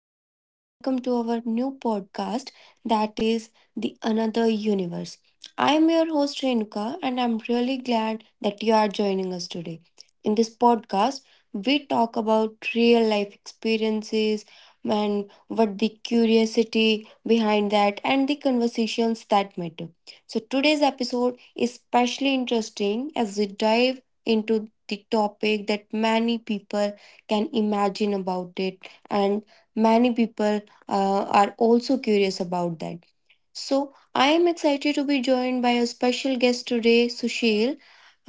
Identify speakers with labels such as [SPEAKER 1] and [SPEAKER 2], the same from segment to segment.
[SPEAKER 1] everyone and welcome to our new podcast that is The Another Universe. I am your host Renuka and I'm really glad that you are joining us today. In this podcast, we talk about real life experiences and what the curiosity behind that and the conversations that matter. So today's episode is especially interesting as we dive to the topic that many people can imagine about it, and many people are also curious about that. So, I am excited to be joined by a special guest today, Sushil.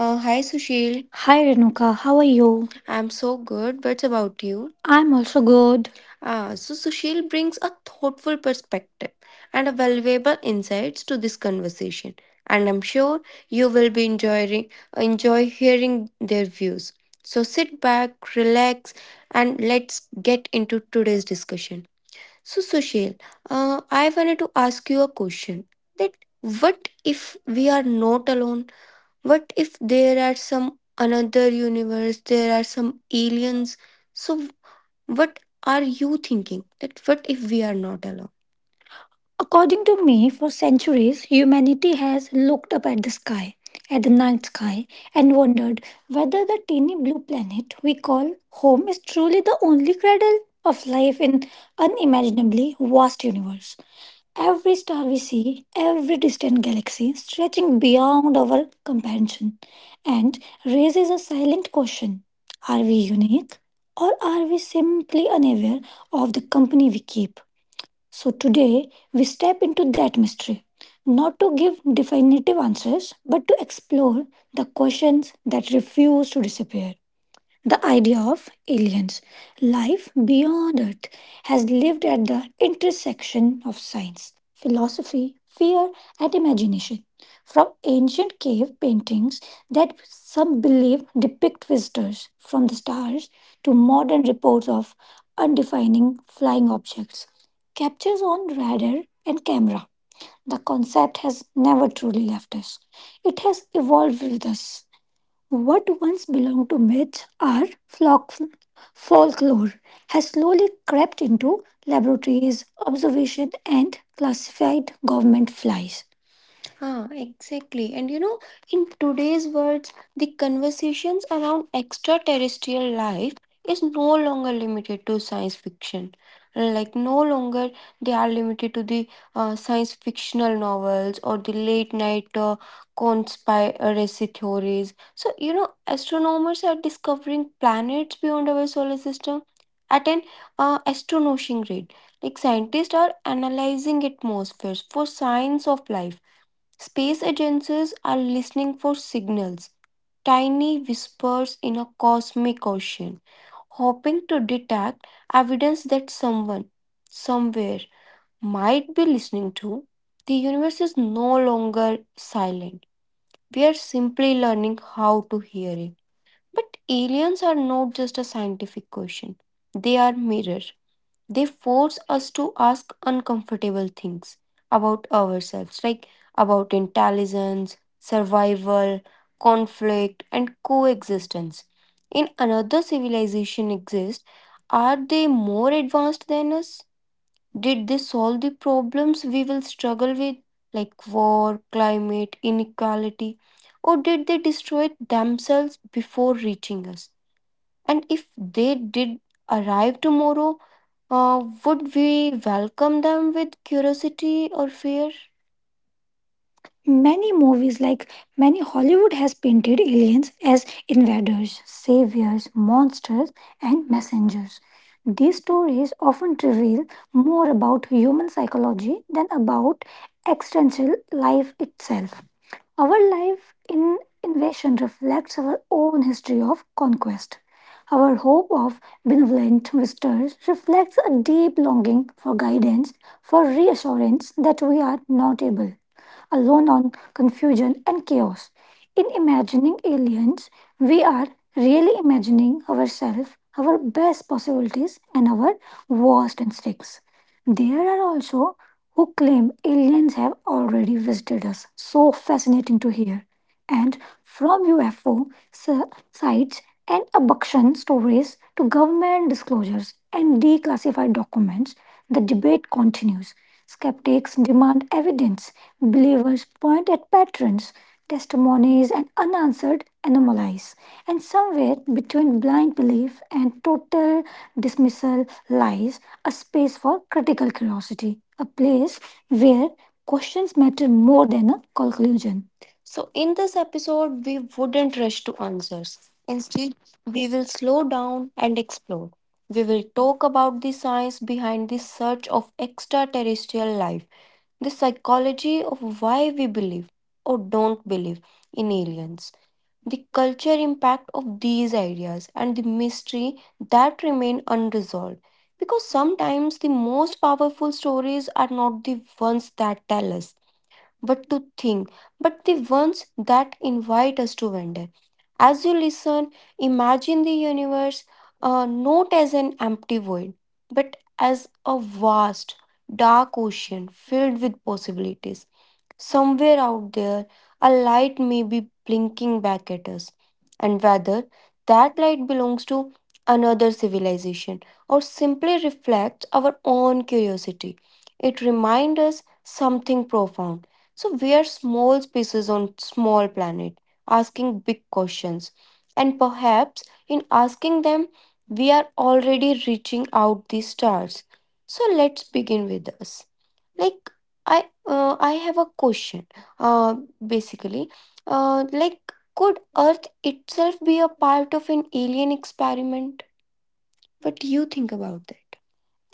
[SPEAKER 1] Hi, Sushil. Hi Renuka, how are you? I'm so good. What about you? I'm also good. Ah, so Sushil brings a thoughtful perspective and a valuable insights to this conversation, and I'm sure you will be enjoy hearing their views. So sit back, relax, and let's get into today's discussion. So, Sushil, I wanted to ask you a question that what if we are not alone? What if there are some another universe, there are some aliens? So, what are you thinking? That what if we are not alone? According to me, for centuries, humanity has looked up at the sky, at the night sky, and wondered whether the teeny blue planet we call home is truly the only cradle of life in unimaginably vast universe. Every star we see, every distant galaxy stretching beyond our comprehension, and raises a silent question. Are we unique, or are we simply unaware of the company we keep? So today we step into that mystery, not to give definitive answers, but to explore the questions that refuse to disappear. The idea of aliens, life beyond Earth, has lived at the intersection of science, philosophy, fear, and imagination. From ancient cave paintings that some believe depict visitors from the stars to modern reports of defining flying objects, captures on radar and camera. The concept has never truly left us, it has evolved with us. What once belonged to myth or flock, folklore has slowly crept into laboratories, observation, and classified government flies. Ah, exactly. And you know, in today's words, the conversations around extraterrestrial life is no longer limited to science fiction. Like, no longer they are limited to the science fictional novels or the late night conspiracy theories. So, you know, astronomers are discovering planets beyond our solar system at an astonishing rate. Like, scientists are analyzing atmospheres for signs of life. Space agencies are listening for signals, tiny whispers in a cosmic ocean, hoping to detect evidence that someone, somewhere, might be listening to. The universe is no longer silent. We are simply learning how to hear it. But aliens are not just a scientific question, they are mirror. They force us to ask uncomfortable things about ourselves, like about intelligence, survival, conflict, and coexistence. In another civilization exists, are they more advanced than us? Did they solve the problems we will struggle with, like war, climate, inequality? Or did they destroy themselves before reaching us? And if they did arrive tomorrow, would we welcome them with curiosity or fear? Many movies like Hollywood has painted aliens as invaders, saviors, monsters, and messengers dangers. These stories often reveal more about human psychology than about existential life itself. Our life in invasion reflects our own history of conquest. Our hope of benevolent visitors reflects a deep longing for guidance, for reassurance that we are not able, alone on confusion and chaos. In imagining aliens, we are really imagining ourselves, our best possibilities, and our worst instincts. There are also who claim aliens have already visited us. So fascinating to hear. And from UFO sites and abduction stories to government disclosures and declassified documents, the debate continues. Skeptics demand evidence. Believers point at patterns, testimonies, and unanswered anomalies. And somewhere between blind belief and total dismissal lies a space for critical curiosity, a place where questions matter more than a conclusion. So, in this episode, we wouldn't rush to answers. Instead, we will slow down and explore. We will talk about the science behind the search of extraterrestrial life, the psychology of why we believe or don't believe in aliens, the culture impact of these ideas, and the mystery that remain unresolved. Because sometimes the most powerful stories are not the ones that tell us but to think, but the ones that invite us to wonder. As you listen, imagine the universe not as an empty void, but as a vast, dark ocean filled with possibilities realities. Somewhere out there, a light may be blinking back at us, and whether that light belongs to another civilization or simply reflects our own curiosity, it reminds us something profound. So, we are small species on small planet, asking big questions, and perhaps in asking them, we are already reaching out the stars. So let's begin with us. Like I have a question. Uh, Basically, like could Earth itself be a part of an alien experiment? What do you think about that?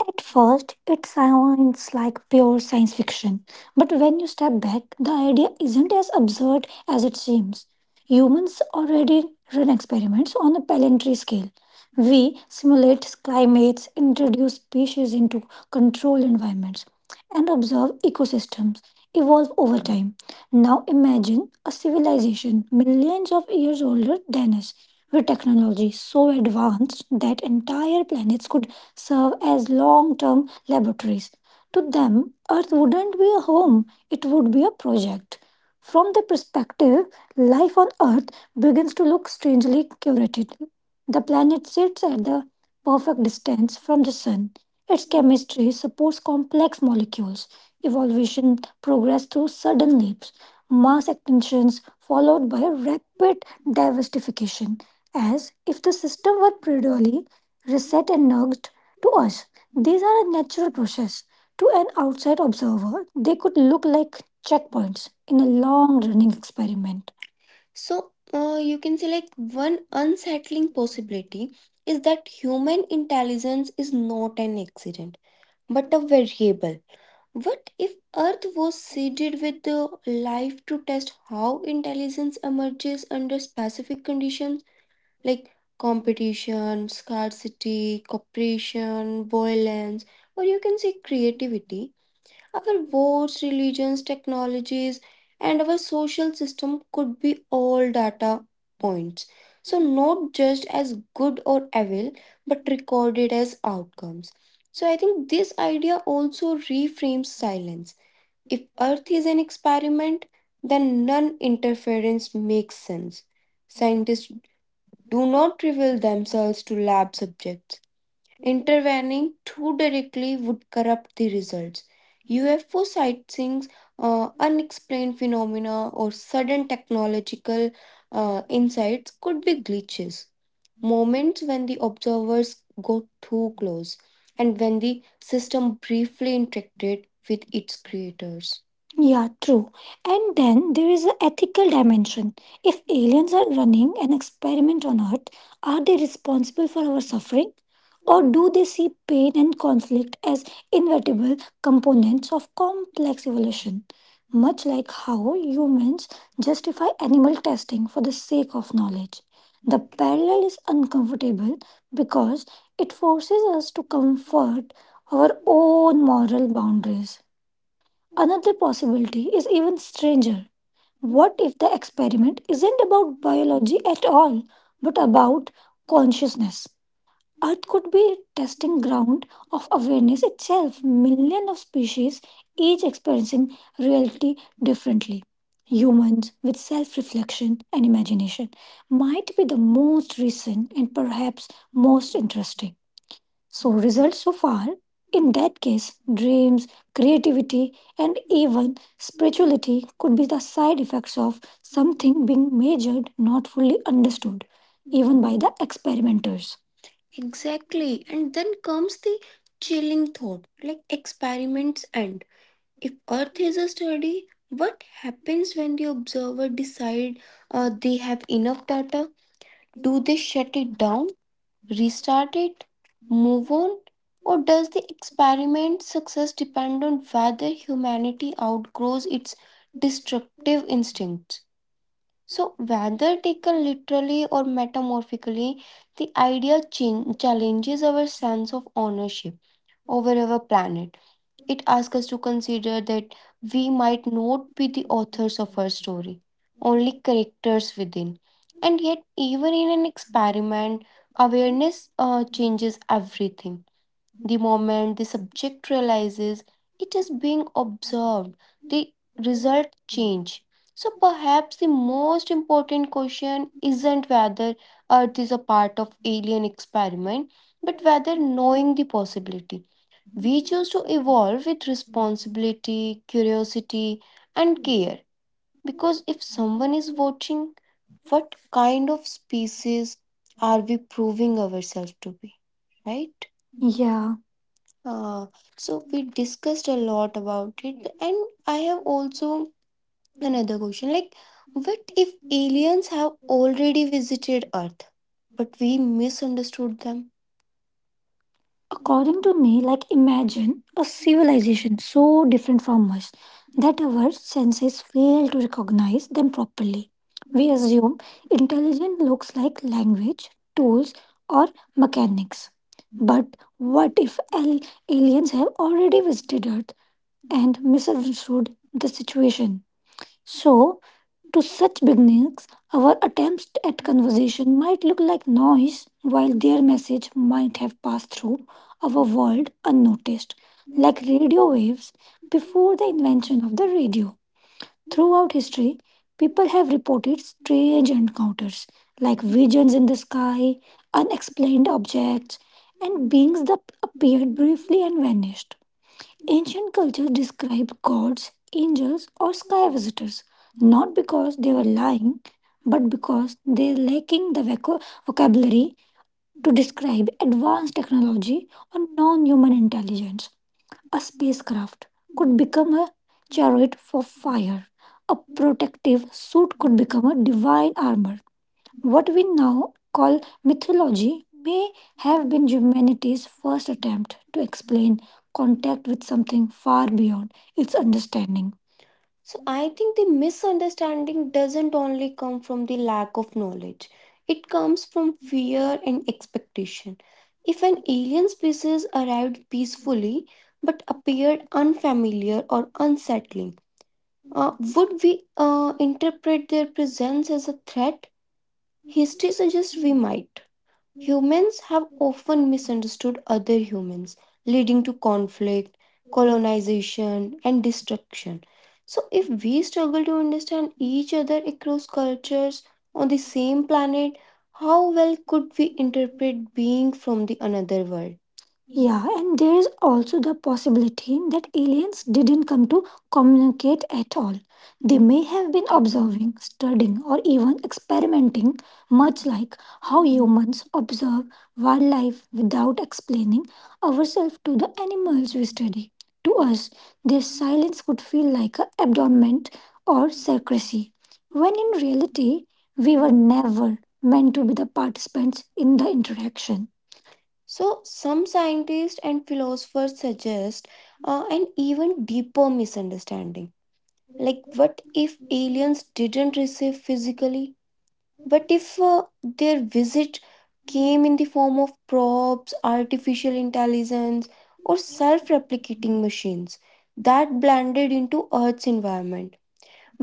[SPEAKER 1] At first, it sounds like pure science fiction, but when you step back, the idea isn't as absurd as it seems. Humans already run experiments on a planetary scale. We simulate climates, introduce species into controlled environments, and observe ecosystems evolve over time. Now imagine a civilization millions of years older than us, with technology so advanced that entire planets could serve as long term laboratories. To them, Earth wouldn't be a home, it would be a project. From their perspective, life on Earth begins to look strangely curated. The planet sits at the perfect distance from the Sun. Its chemistry supports complex molecules. Evolution progress through sudden leaps mass extinctions followed by a rapid diversification, as if the system were periodically reset and nudged to us. These are a natural process. To an outside observer, they could look like checkpoints in a long running experiment. So, you can say like one unsettling possibility is that human intelligence is not an accident but a variable. What if Earth was seeded with the life to test how intelligence emerges under specific conditions like competition, scarcity, cooperation, violence, or you can say creativity? Our wars, religions, technologies, and our social system could be all data points. So, not just as good or evil, but recorded as outcomes. So, I think this idea also reframes silence. If Earth is an experiment, then non interference makes sense.
[SPEAKER 2] Thank you.
[SPEAKER 1] Scientists do not reveal themselves to lab subjects. Intervening too directly would corrupt the results. UFO sightings, unexplained phenomena, or sudden technological insights could be glitches moments when the observers got too close and when the system briefly interacted with its creators. Yeah, true. And then there is an ethical dimension. If aliens are running an experiment on Earth, are they responsible for our suffering? Or do they see pain and conflict as inevitable components of complex evolution? Much like how humans justify animal testing for the sake of knowledge. The parallel is uncomfortable because it forces us to comfort our own moral boundaries. Another possibility is even stranger. What if the experiment isn't about biology at all, but about consciousness? Earth could be a testing ground of awareness itself. Millions of species, each experiencing reality differently. Humans, with self reflection and imagination, might be the most recent and perhaps most interesting. So, results so far, in that case, dreams, creativity, and even spirituality could be the side effects of something being measured, not fully understood by the experimenters. Exactly. And then comes the chilling thought like experiments end. If Earth is a study, what happens when the observer decide they have enough data? Do they shut it down, start it, move on? Or does the experiment success depend on whether humanity outgrows its destructive instincts? So, whether taken literally or metamorphically, the idea challenges our sense of ownership over our planet. It asks us to consider that we might not be the authors of our story, only characters within. And yet, even in an experiment, awareness changes everything. The moment the subject realizes it is being observed, the result changes. So perhaps the most important question isn't whether Earth is a part of alien experiment, but whether knowing the possibility. We choose to evolve with responsibility, curiosity, and care. Because if something, what kind of species are we proving ourselves to be, right? Yeah. Uh, so we discussed a lot about it, and I have also another question. Like what if aliens have already visited Earth, but we misunderstood them? According to me, like imagine a civilization so different from us that our senses fail to recognize them properly. We assume intelligence looks like language, tools, or mechanics. But what if aliens have already visited Earth and misunderstood the situation? So, to such beginnings, our attempts at conversation might look like noise, while their message might have passed through our world unnoticed, like radio waves before the invention of the radio. Throughout history, people have reported strange encounters, like visions in the sky, unexplained objects, and beings that appeared briefly and vanished. Ancient cultures describe gods, angels, or sky visitors not because they were lying, but because they lacking the vocabulary to describe advanced technology or non-human intelligence. A spacecraft could become a chariot for fire. A protective suit could become a divine armor what we now call mythology may have been humanity's first attempt to explain contact with something far beyond its understanding. So I think the misunderstanding doesn't only come from the lack of knowledge. It comes from fear and expectation. If an alien species arrived peacefully but appeared unfamiliar or unsettling, would we interpret their presence as a threat? History suggests we might. Humans have often misunderstood other humans, leading to conflict, colonization, and destruction. So, if we struggle to understand each other across cultures on the same planet, how well could we interpret being from the another world? Yeah, and there is also the possibility that aliens didn't come to communicate at all. They may have been observing, studying, or even experimenting, much like how humans observe wildlife without explaining ourselves to the animals we study. To us, their silence would feel like an abandonment or secrecy, when in reality, we were never meant to be the participants in the interaction. So, some scientists and philosophers suggest an even deeper misunderstanding. Like, what if aliens didn't receive physically? What if their visit came in the form of probes, artificial intelligence, or self replicating machines that blended into Earth's environment?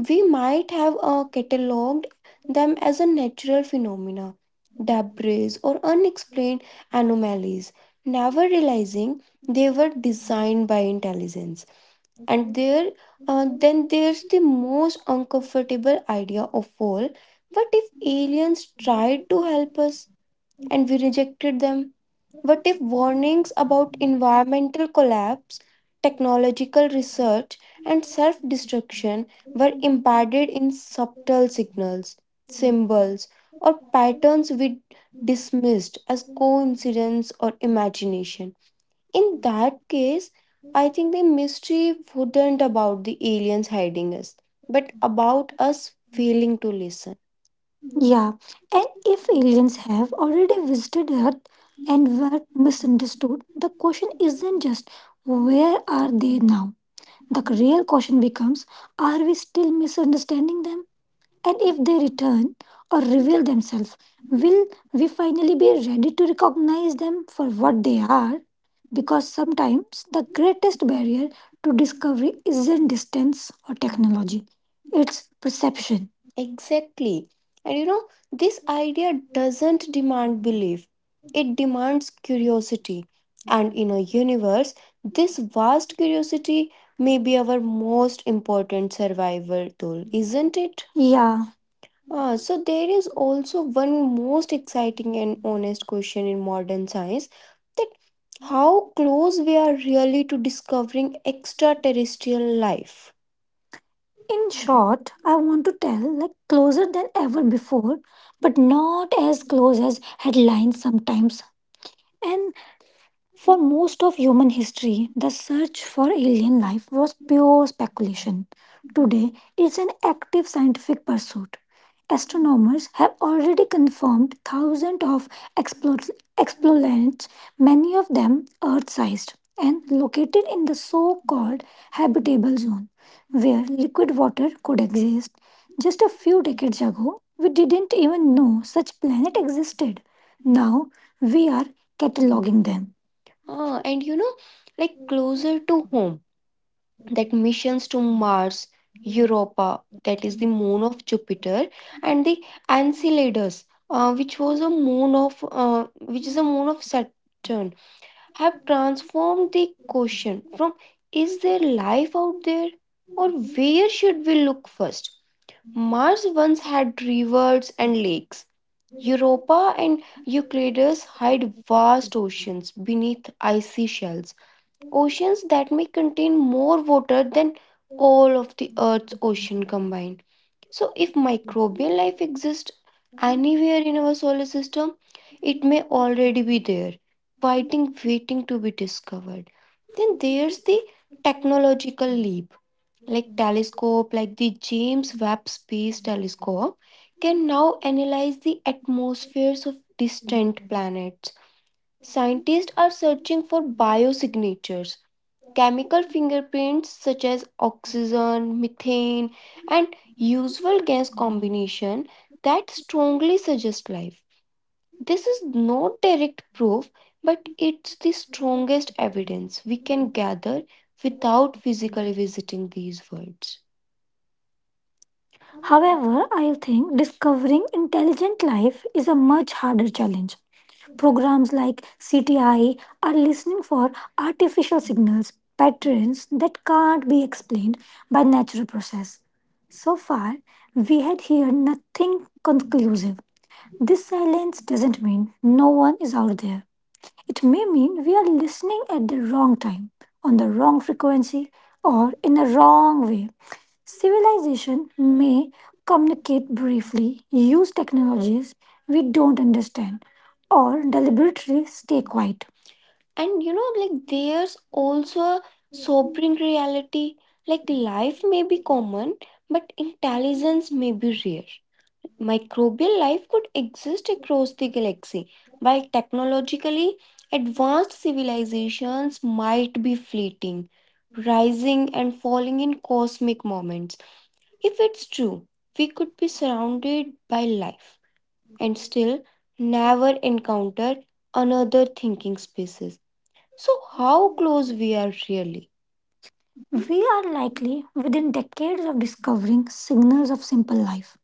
[SPEAKER 1] We might have catalogued them as a natural phenomena, debris, or unexplained anomalies, never realizing they were designed by intelligence. And there, then there's the most uncomfortable idea of all. What if aliens tried to help us? We rejected them? What if warnings about environmental collapse, technological research, and self destruction were embedded in subtle signals, symbols, or patterns we dismissed as coincidence or imagination? In that case, I think the mystery wouldn't about the aliens hiding us, but about us failing to listen. Yeah, and if aliens have already visited Earth and were misunderstood, the question isn't just where are they now? The real question becomes are we still misunderstanding them? And if they return or reveal themselves, will we finally be ready to recognize them for what they are? Because sometimes the greatest barrier to discovery isn't distance or technology. It's perception. Exactly. And you know, this idea doesn't demand belief, it demands curiosity. And in a universe, this vast curiosity may be our most important survival tool, isn't it? Yeah. Ah, so, there is also one most exciting and honest question in modern science that how close we are really to discovering extraterrestrial life. In short, I want to tell like closer than ever before, but not as close as headlines sometimes. And for most of human history, the search for alien life was pure speculation. Today, it's an active scientific pursuit. Astronomers have already confirmed thousands of explor- explorers, many of them Earth sized, and located in the so called habitable zone, where liquid water could exist. Just a few decades ago, we didn't even know such planets existed. Now we are cataloging them. Ah, and you know, like closer to home, that missions to Mars, Europa, that is the moon of Jupiter, and the Enceladus, which is a
[SPEAKER 2] Hmm.
[SPEAKER 1] moon of Saturn, have transformed the question: Is there life out there, or where should we look first? Mars once had rivers and lakes. Europa and Euclides hide vast oceans beneath icy shells, oceans that may contain more water than all of the Earth's ocean. So, if microbial life exists anywhere in our solar system, it may already be
[SPEAKER 2] కాండాకండాగడాగాండడి.
[SPEAKER 1] there, fighting, waiting to be discovered. Then there's the technological leap like telescope like the James Webb Space Telescope can now analyze the atmospheres of distant planets. Scientists are searching for biosignatures, chemical fingerprints such as oxygen, methane, and usual gas combination that strongly suggest life. This is not direct proof, but it's the strongest evidence we can gather
[SPEAKER 2] Thank
[SPEAKER 1] without
[SPEAKER 2] you.
[SPEAKER 1] physically visiting these worlds. However, I think discovering intelligent life is a much harder challenge. Programs like CTI are listening for artificial signals, patterns that can't be explained by natural process. So far, we had heard nothing conclusive. This silence doesn't mean no one is out there. It may mean we are listening at the wrong time, on the wrong frequency, or in the wrong way. Civilization may communicate briefly, use technologies we don't understand, or deliberately stay quiet. And you know, like there's also a sobering reality. Like life may be common, but intelligence may be rare. Microbial life could exist across the galaxy, while technologically advanced civilizations might be fleeting, rising and falling in cosmic moments. If it's true, we could be surrounded by life and still never encounter another thinking species. So, how close we are really? We are likely within decades of discovering signals of simple life.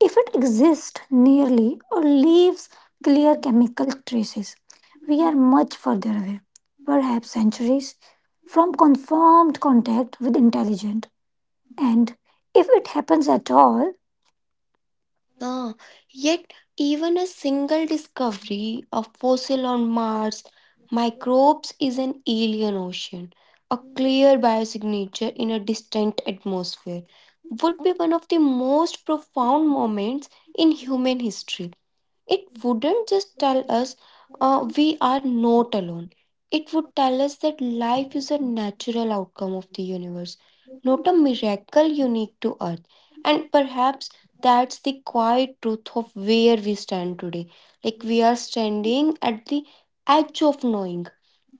[SPEAKER 1] If it exists nearly or leaves clear chemical traces, we are much further away, perhaps centuries, from confirmed contact with intelligent. And if it happens at all, Ah, yet, even a single discovery of fossil on Mars, microbes is an alien ocean, a clear biosignature in a distant atmosphere, would be one of the most profound moments in human history. It wouldn't just tell us we are not alone. It would tell us that life is a natural outcome of the universe, not a miracle unique to Earth. And perhaps that's the quiet truth of where we stand today. Like we are standing at the edge of knowing.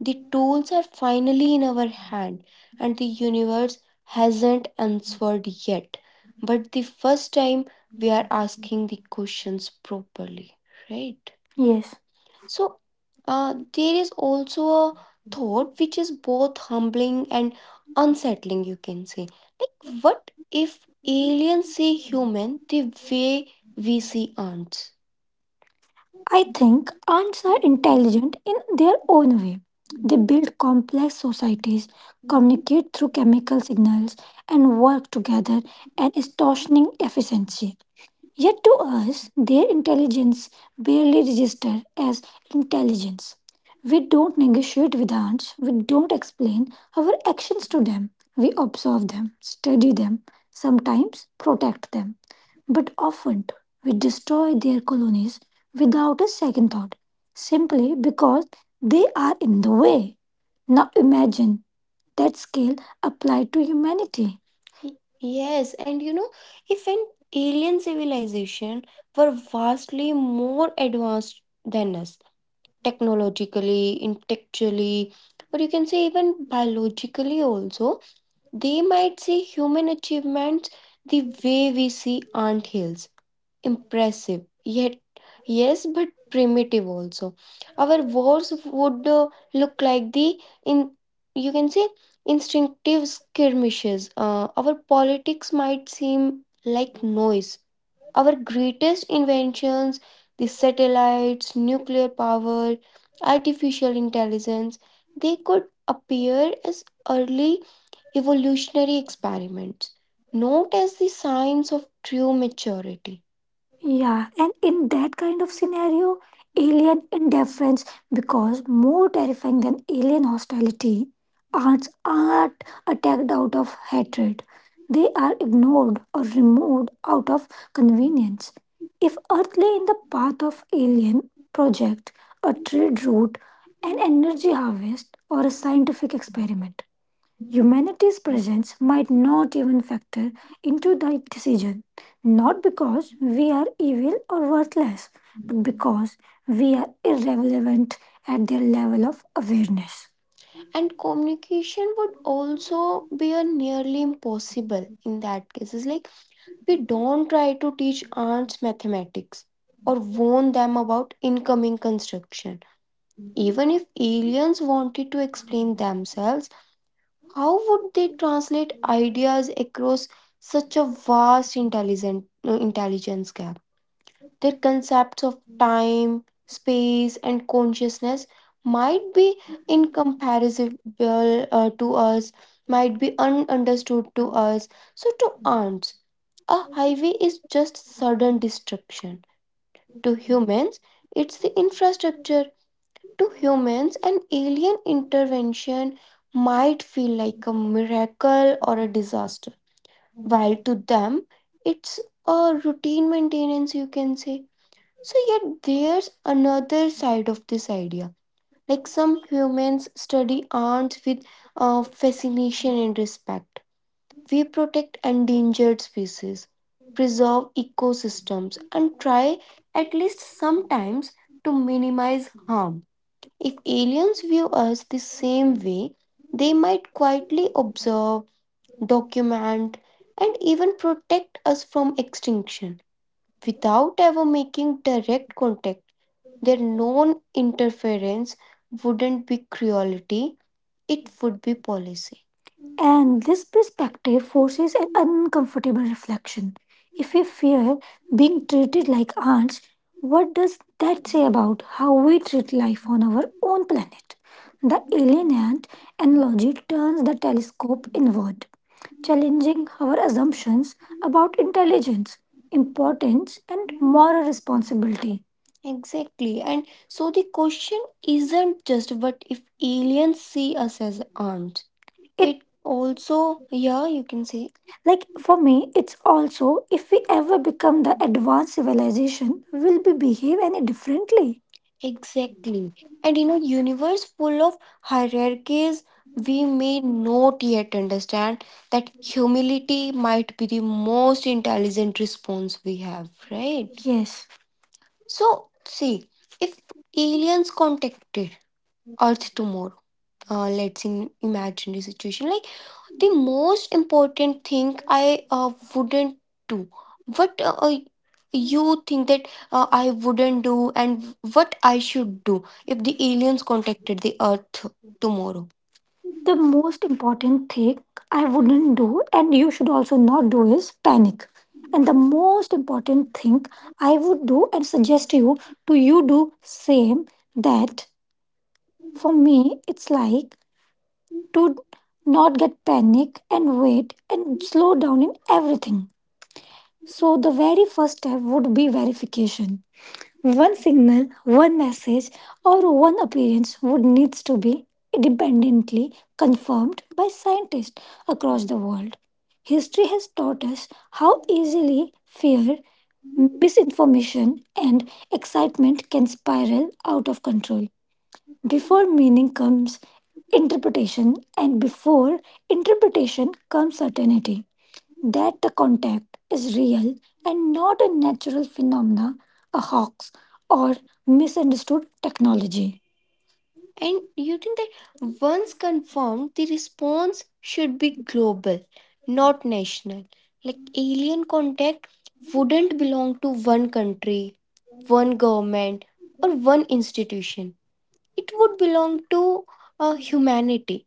[SPEAKER 1] The tools are finally in our hand and the universe hasn't answered yet. But the first time we are asking questions properly, right? Yes. So, there is also a thought which is both humbling and unsettling, you can say. Like, what if aliens see human the way we see ants? I think ants are intelligent in their own way. They build complex societies, communicate through chemical signals, and work together at astonishing efficiency. Yet to us, their intelligence barely registers as intelligence. We don't negotiate with ants, we don't explain our actions to them. We observe them, study them, sometimes protect them, but often we destroy their colonies without a second thought, simply because they are in the way. Now imagine that skill applied to humanity. Yes, and you know, if an alien civilization were vastly more advanced than us, technologically, intellectually, or you can say even biologically also, they might see human achievements the way we see ant hills impressive yet yes but primitive also our wars would look like the in you can say instinctive skirmishes our politics might seem like noise our greatest inventions the satellites nuclear power artificial intelligence they could appear as early evolutionary experiments not as the signs of true maturity yeah, and in that kind of scenario, alien indifference becomes more terrifying than alien hostility. Arts aren't attacked out of hatred, they are ignored or removed out of convenience. If Earth lay in the path of alien project, a trade route, an energy harvest, or a scientific experiment, humanity's presence might not even factor into the decision, not because we are evil or worthless, we are irrelevant at their level of awareness. And communication would also be a nearly impossible in that case it's like we don't try to teach ants mathematics or warn them about incoming construction aliens wanted to explain themselves how would they translate ideas across such a vast intelligence gap? Their concepts of time, space, and consciousness might be incomparable to us, might be ununderstood to us. So, to ants, a highway is just sudden destruction. To humans, it's infrastructure. To humans, an alien intervention might feel like a miracle or a disaster. Well to them it's a routine maintenance you can say so yet there's another side of this idea like some humans study ants with fascination and respect we protect endangered species preserve ecosystems and try at least sometimes to minimize harm if aliens view us the same way they might quietly
[SPEAKER 2] Thank you.
[SPEAKER 1] observe document, and even protect us from extinction. Without ever making direct contact, their non interference wouldn't be cruelty, it would be policy. And this perspective forces an uncomfortable reflection. If we fear being treated like ants, what does that say about how we treat life on our own planet? The alien ant analogy turns the telescope inward challenging our assumptions about intelligence, importance, and moral responsibility. Exactly. And so the question isn't just what if aliens see us as armed, it also, yeah, you can say. Like for me, it's also if we ever become the advanced civilization, will be behave any differently? Exactly. Universe full of hierarchies, we may not yet understand that humility might be the most intelligent response we have, right? Yes. So, see, if aliens contacted Earth tomorrow, let's in imaginary situation, like the most important thing I wouldn't do. What you think that I wouldn't do, and what I should do if the aliens contacted the Earth tomorrow? The most important thing I wouldn't do, and you should also not do, is panic. And the most important thing I would do and suggest you to you do same that for me it's like not get panic and wait and slow down in everything. So the very first step would be verification. One signal, one message, or one appearance would needs to be independently confirmed by scientists across the world. History has taught us how easily fear, misinformation, and excitement can spiral out of control. Before meaning comes interpretation, and before interpretation comes certainty that the contact is real and not a natural phenomena, a hoax, or misunderstood technology. And you think that once confirmed, the response should be global, not national. Like alien contact wouldn't belong to one country, one government, or one institution, it would belong to humanity,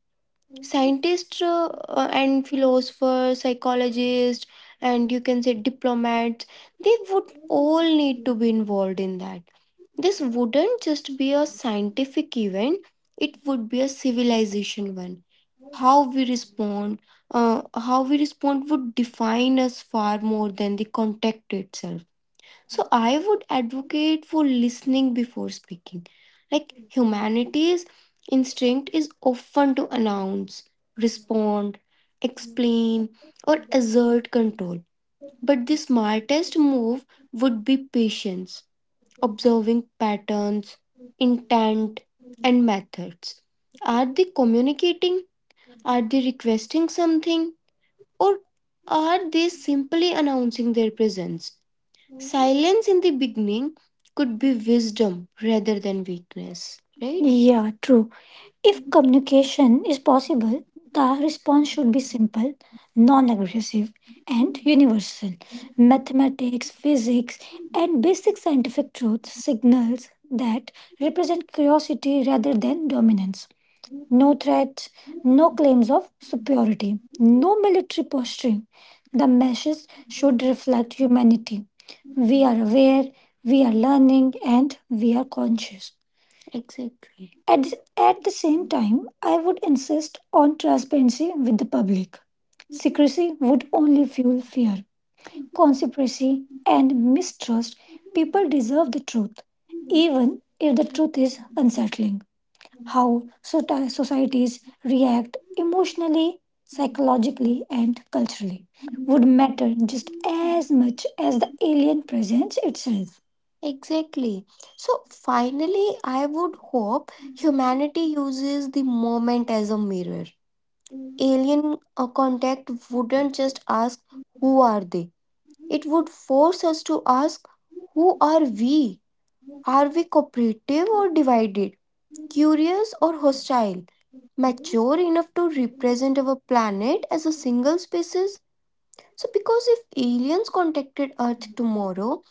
[SPEAKER 1] scientists and philosophers, psychologists, and you can say diplomats. They would all need to be involved in that. This wouldn't just be a scientific event, it would be a civilization one. how we respond uh, how we respond would define us far more than the contact itself. So I would advocate for listening before speaking. Like humanity's instinct is often to announce, respond, explain, or assert control. But the smartest move would be patience, observing patterns, intent, and methods. Are they communicating? Are they requesting something? Or are they simply announcing their presence? Silence in the beginning could be wisdom rather than weakness, right? Yeah, true. If communication is possible, the response should be simple, non aggressive, and universal. Mathematics, physics, and basic scientific truths, signals that represent curiosity rather than dominance. No threats, no claims superiority, no military posturing. The message should reflect humanity. We are aware, we are learning, and we are conscious. Exactly. At the same time, I would insist on transparency with the public. Secrecy would only fuel fear. Conspiracy and mistrust preserve the truth, if the truth is uncertain. Societies react emotionally, psychologically, and culturally, just as much as the alien presence itself. Exactly. So finally, I would hope humanity uses the moment as a mirror. Alien contact wouldn't just ask,
[SPEAKER 2] Thank
[SPEAKER 1] who are they? It would force us to ask, who are we? Are we cooperative or divided? Curious or hostile? Mature enough to represent our planet as a single species? So, because if aliens contacted Earth tomorrow,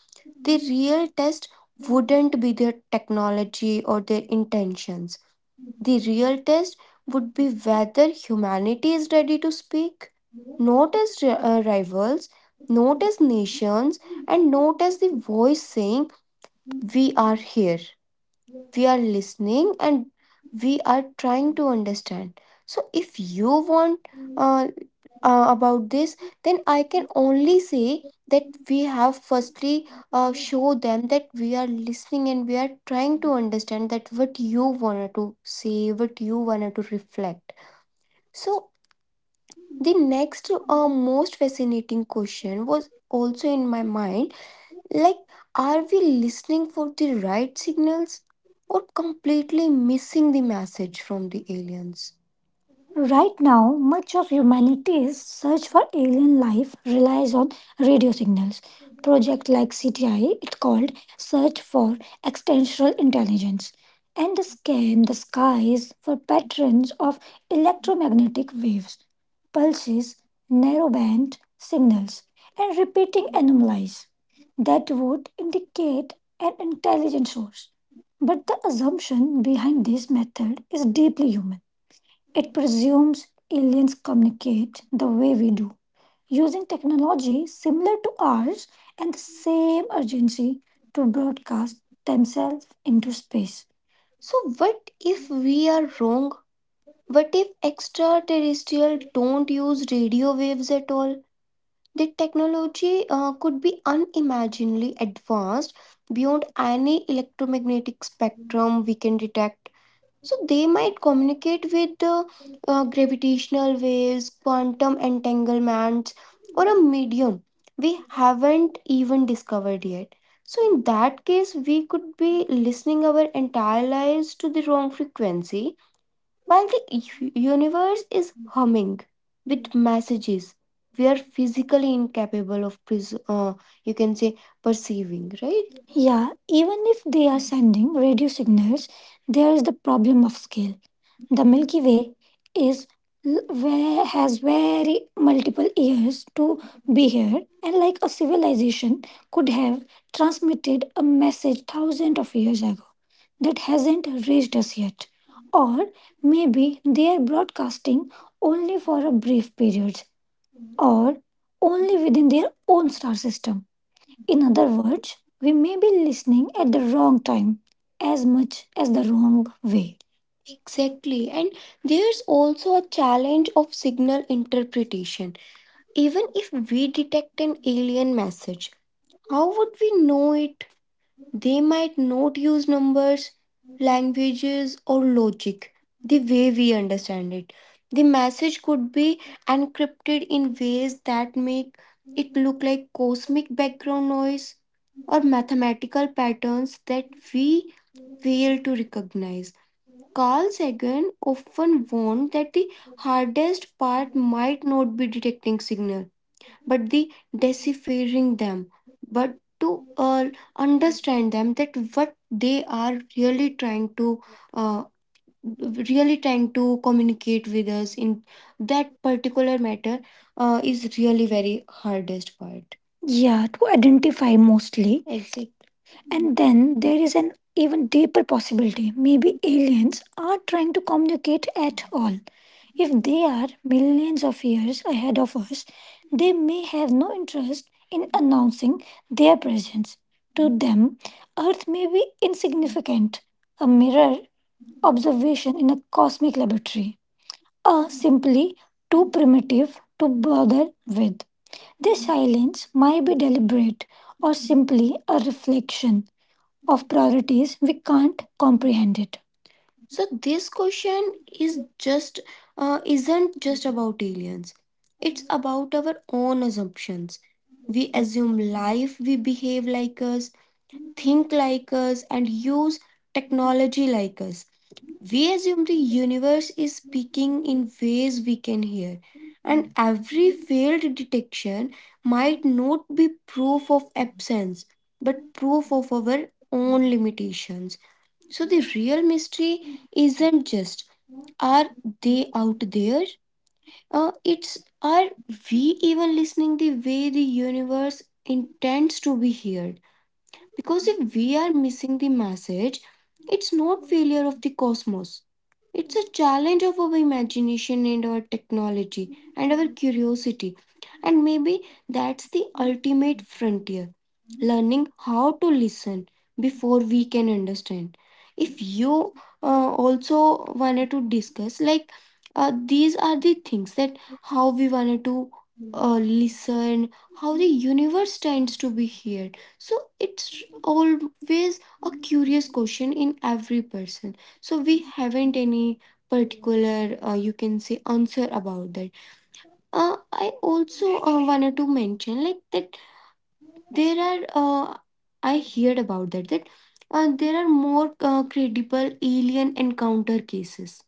[SPEAKER 1] the real test wouldn't be their technology or their intentions. The real test would be whether humanity is ready to speak, not as rivals, not as nations, and not as the voice saying, we are here, we are listening, and we are trying to understand. So if you want uh, about this, then I can only say that we have firstly show them that we are listening and we are trying to understand that what you wanted to say, what you wanted to reflect. So the next most fascinating question was also in my mind, like are we listening for the right signals or completely missing the message from the aliens? Right now, much of humanity's search for alien life relies on radio signals. Project like CTI, it's called Search for Extraterrestrial Intelligence, and they scan the skies for patterns of electromagnetic waves, pulses, narrowband signals, and repeating anomalies that would indicate an intelligent source. But the assumption behind this method is deeply human, it presumes aliens communicate the way we do, using technology similar to ours and the same urgency to broadcast themselves into space. So, what if we are wrong? What if extraterrestrials don't use radio waves at all? The technology could be unimaginably advanced beyond any electromagnetic spectrum we can detect. So they might communicate with gravitational waves, quantum
[SPEAKER 2] you.
[SPEAKER 1] entanglements, or a medium we haven't even discovered yet. So in that case, we could be listening our entire lives to the wrong frequency while the universe is humming with messages we are physically incapable of you can say perceiving, right? Yeah, even if they are sending radio signals, there is the problem of scale. The Milky Way is where has very multiple years to be here, and like a civilization could have transmitted a message thousands of years ago that hasn't reached us yet. Or maybe they are broadcasting only for a brief period or only within their own star system. In other words, we may be listening at the wrong time as much as the wrong way. Exactly, and there's also a challenge of signal interpretation. Even if we detect an alien message, how would we know it? They might not use numbers, languages, or logic the way we understand it. The message could be encrypted in ways that make it look like cosmic background noise or mathematical patterns that we fail to recognize. Carl Sagan often warned that the hardest part might not be detecting signal but the deciphering them, but to understand them that what they are uh, really trying to communicate with us in that particular matter is really very hardest part. Yeah, to identify mostly. Exactly. And then there is an even deeper possibility. Maybe aliens are trying to communicate at all. If they are millions of years ahead of us, they may have no interest in announcing their presence. To them, Earth may be insignificant, a mirror observation in a cosmic laboratory, or simply too primitive to bother with. Their silence might be deliberate or simply a reflection of priorities, we can't comprehend it. So this question is just isn't just about aliens. It's about our own assumptions. We assume life, we behave like us, think like us and use technology like us. We assume the universe is speaking ways we can hear, and every detection might not be proof of absence, but proof of our own limitations. So the real mystery isn't just are they out there? It's are we even listening the way the universe intends to be heard? Because if we are missing the message, it's not failure of the cosmos. It's a challenge of our imagination and our technology and our curiosity. And maybe that's the ultimate frontier, learning how to listen before we can understand. If you also wanted to discuss, like, these are the things that how we wanted to uh, and how the universe tends to behave. So it's always a curious question in every person. So we haven't any particular, you can say, answer about that. I also wanted to mention like that there are, I heard about that, that there are more credible alien encounter cases.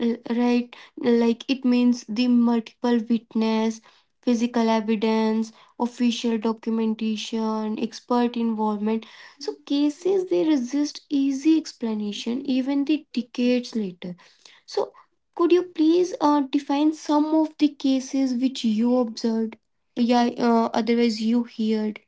[SPEAKER 1] Right, like it means the multiple witness, physical evidence, official documentation, expert involvement. So cases they resist easy explanation even
[SPEAKER 2] Thank
[SPEAKER 1] the decades later. So could you please define some of the cases which you observed, yeah, otherwise you heard?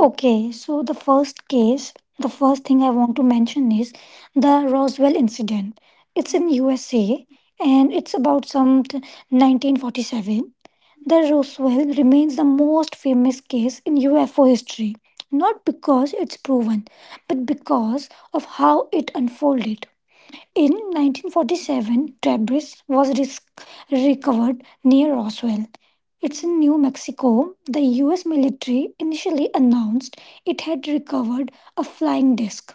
[SPEAKER 1] Okay, so the first case, the first thing I want to mention is the Roswell incident. It's in USA and it's about some 1947. The Roswell remains the most famous case in UFO history, not because it's proven, but because of how it unfolded. In 1947, debris was recovered near Roswell. It's in New Mexico. The US military initially announced it had recovered a flying disc,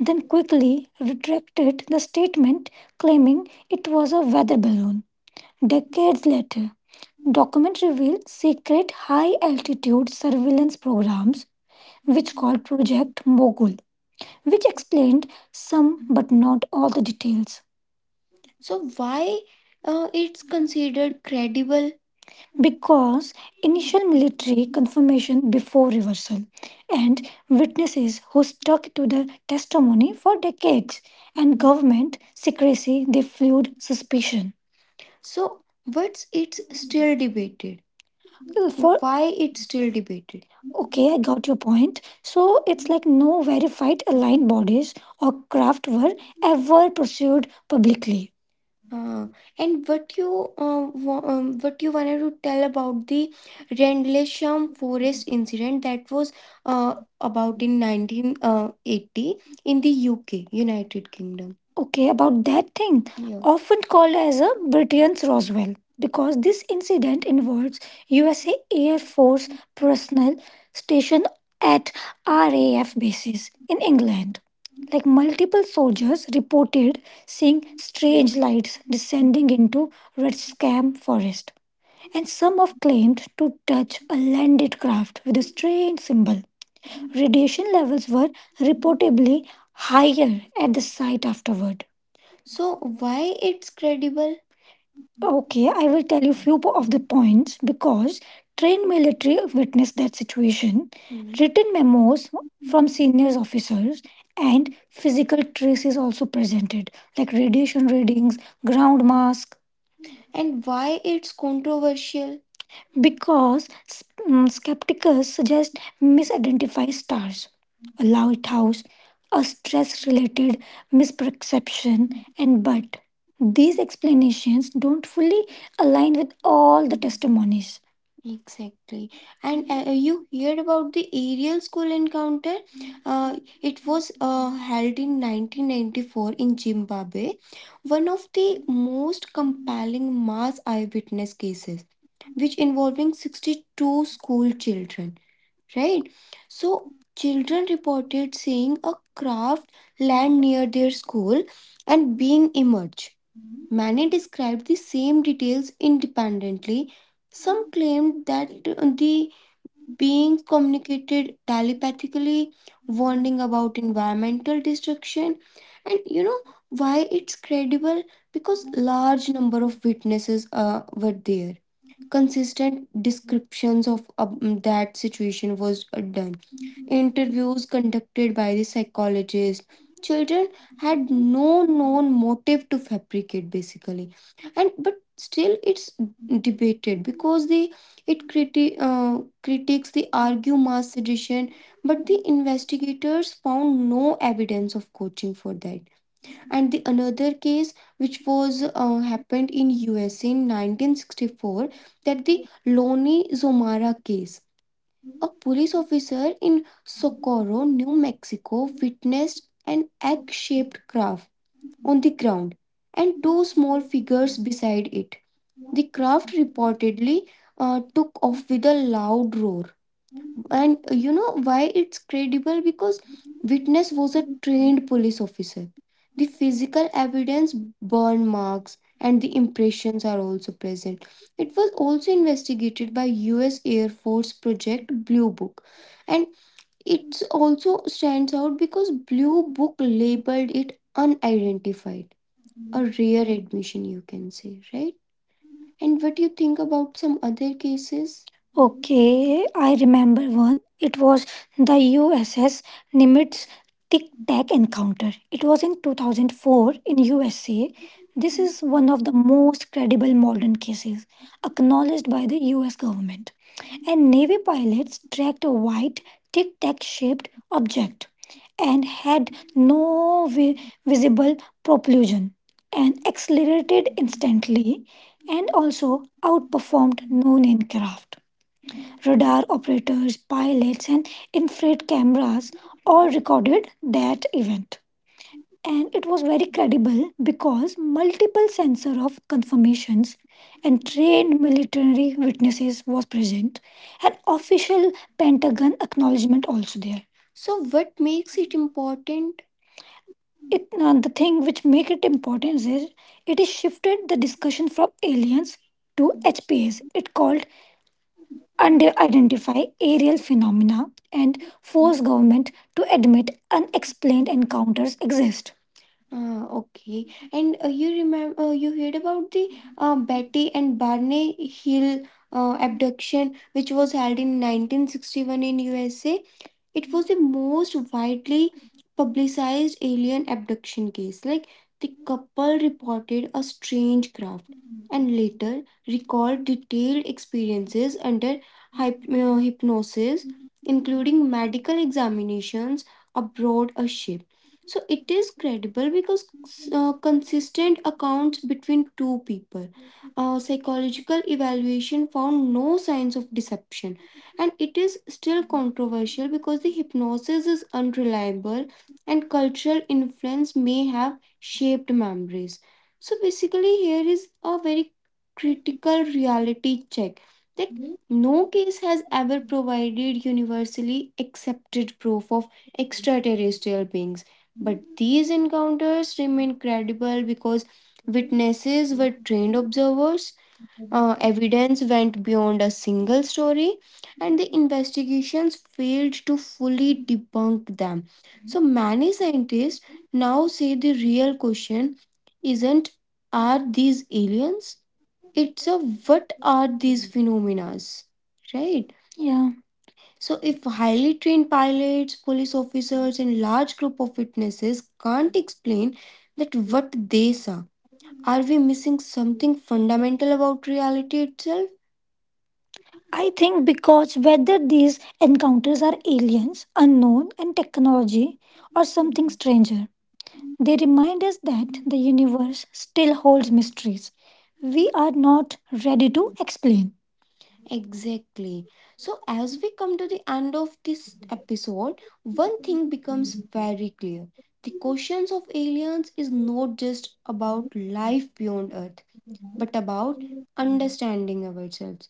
[SPEAKER 1] then quickly retracted the statement, claiming it was a weather balloon. Decades later, documents reveal secret high altitude surveillance programs, which called Project Mogul, which explained some but not all the details. So why it's considered credible? Because initial military information before reversal, and witnesses who stuck to the testimony for decades, and government secrecy they fueled suspicion. So what's it's still debated? For why it's still debated? Okay, I got your point. So it's like no verified aligned bodies or craft were ever pursued publicly. uh, and what you what you wanted to tell about the Rendlesham forest incident that was uh, about in 1980 in the UK, United Kingdom. Okay, about that thing, yeah. Often called as a Britain's Roswell, because this incident involves USA Air Force personnel stationed at RAF bases in England. Like multiple soldiers reported seeing strange lights descending into Red Scam Forest, and some have claimed to touch a landed craft with a strange symbol. Radiation levels were reportedly higher at the site afterward. So why it's credible? Okay, I will tell you few of the points. Because trained military witnessed that situation. Hmm. Written memos from visceral and physical traces also presented, like radiation readings, ground mask. And why it's controversial? Because s- skeptics suggest misidentify stars, a lighthouse, a stress related misperception, and but these explanations don't fully align with all the testimonies. Exactly. And You heard about the aerial school encounter? It was held in 1994 in Zimbabwe, one of the most compelling mass eyewitness cases, which involving 62 school children, right? So children reported seeing a craft land near their school and being emerged. Many described the same details independently. Some claimed that the being communicated telepathically, warning about environmental destruction. And you know why it's credible? Because large number of witnesses were there, detailed descriptions of that situation was done, interviews conducted by the psychologist, children had no known motive to fabricate basically, and but still it's debated because it criti- uh, critics the argue mass suggestion, but the investigators found no evidence of coaching for that. And the another case which was happened in USA in 1964, that the Loni Zomara case. A police officer in Socorro, New Mexico witnessed an egg-shaped craft on the ground and two small figures beside it. The craft reportedly took off with a loud roar. And you know why it's credible? Because witness was a trained police officer. The physical evidence, burn marks, and the impressions are also present. It was also investigated by US Air Force Project Blue Book. And it also stands out because Blue Book labeled it unidentified. A rare admission, you can say, right? And what do you think about some other cases? Okay, I remember one. It was the USS Nimitz Tic Tac encounter. It was in 2004 in USA. This is one of the most credible modern cases acknowledged by the US government. And Navy pilots tracked a white tic tac shaped object and had no vi- visible propulsion and accelerated instantly and also outperformed known aircraft. Radar operators, pilots, and infrared cameras all recorded that event. And it was very credible because multiple sensor of confirmations and trained military witnesses was present and official Pentagon acknowledgement also there. So, what makes it important? It The thing which make it important is it is shifted the discussion from aliens to H it called under-identify aerial phenomena and forced government to admit unexplained encounters exist. Ah, okay. And you remember, you heard about the Betty and Barney Hill abduction, which was held in 1961 in USA. It was the most widely publicized alien abduction case. Like the couple reported a strange craft and recalled detailed experiences under hypnosis, including medical examinations aboard a ship. So it is credible because uh,
[SPEAKER 2] you.
[SPEAKER 1] consistent accounts between two people.
[SPEAKER 2] Thank
[SPEAKER 1] Psychological evaluation found no signs of deception, and it is still controversial because the hypnosis is unreliable and cultural influence may have shaped memories. So, basically, here is a very critical reality check that no case has ever provided universally accepted proof of extraterrestrial beings, but these encounters remain credible because witnesses were trained observers, evidence went beyond a single story, and the investigations failed to fully debunk them. So many scientists now say the real question isn't, are these aliens? It's a, what are these phenomena, right? Yeah. So, if highly trained pilots, police officers, and large group of witnesses can't explain that what they saw, are we missing something fundamental about reality itself? I think, because whether these encounters are aliens, unknown, and technology, or something stranger, they remind us that the universe still holds mysteries we are not ready to explain. Exactly. So, as we come to the end of this episode, one thing fire. The questions of aliens is not just about life beyond Earth, but about understanding ourselves.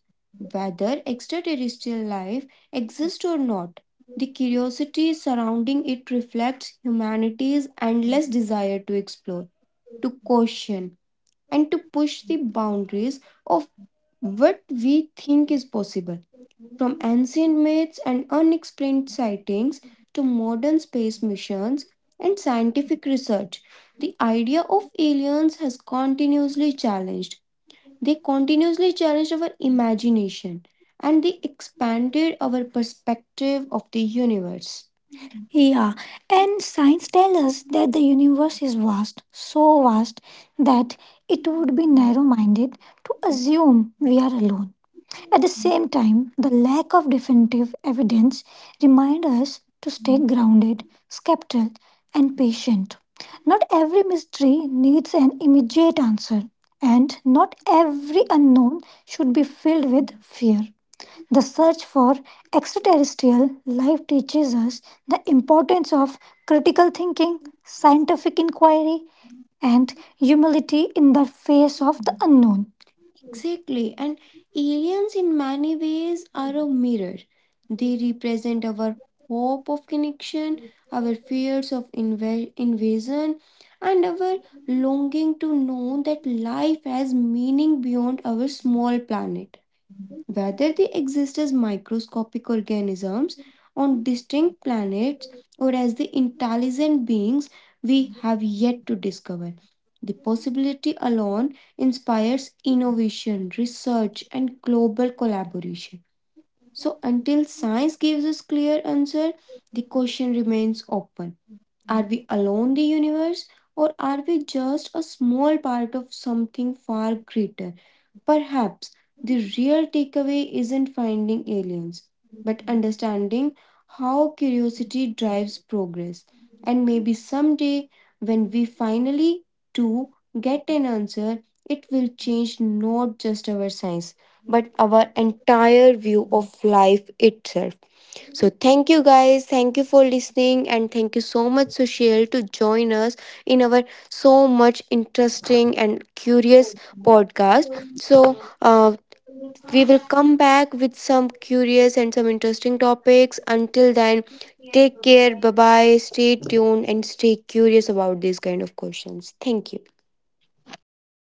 [SPEAKER 1] Whether extraterrestrial life exists or not, the curiosity surrounding it reflects humanity's endless desire to explore, to question, and to push the boundaries of what we think is possible. From ancient myths and unexplained sightings to modern space missions and scientific research, the idea of aliens has continuously challenged. They continuously challenged our imagination and they expanded our perspective of the universe. Yeah, and science tells us that the universe is vast, so vast that it would be narrow minded to assume we are alone. At the same time, the lack of definitive evidence reminds us to stay grounded, skeptical, and patient. Not every mystery needs an immediate answer, and not every unknown should be filled with fear. The search for extraterrestrial life teaches us the importance of critical thinking, scientific inquiry, and humility in the face of the unknown. Exactly.
[SPEAKER 2] you.
[SPEAKER 1] And aliens, in many ways, are a mirror. They represent our hope of connection, our fears of invasion, and our longing to know that life has meaning beyond our small planet. Whether they exist as microscopic organisms on distinct planets or as the intelligent beings we have yet to discover, the possibility alone inspires innovation, research, and global collaboration. So, until science gives us clear answer, the question remains open. Are we alone the universe, or are we just a small part of something far greater? Perhaps the real takeaway isn't finding aliens, but understanding how curiosity drives progress. And maybe someday, when we finally do get an answer, it will change not just our science, but our entire view of life itself. So thank you guys, thank you for listening, and thank you so much Sushil to join us in our so much interesting and curious podcast. We will come back with some curious and some interesting topics. Until then, take care, bye bye, stay tuned, and stay curious about these kind of questions. Thank you.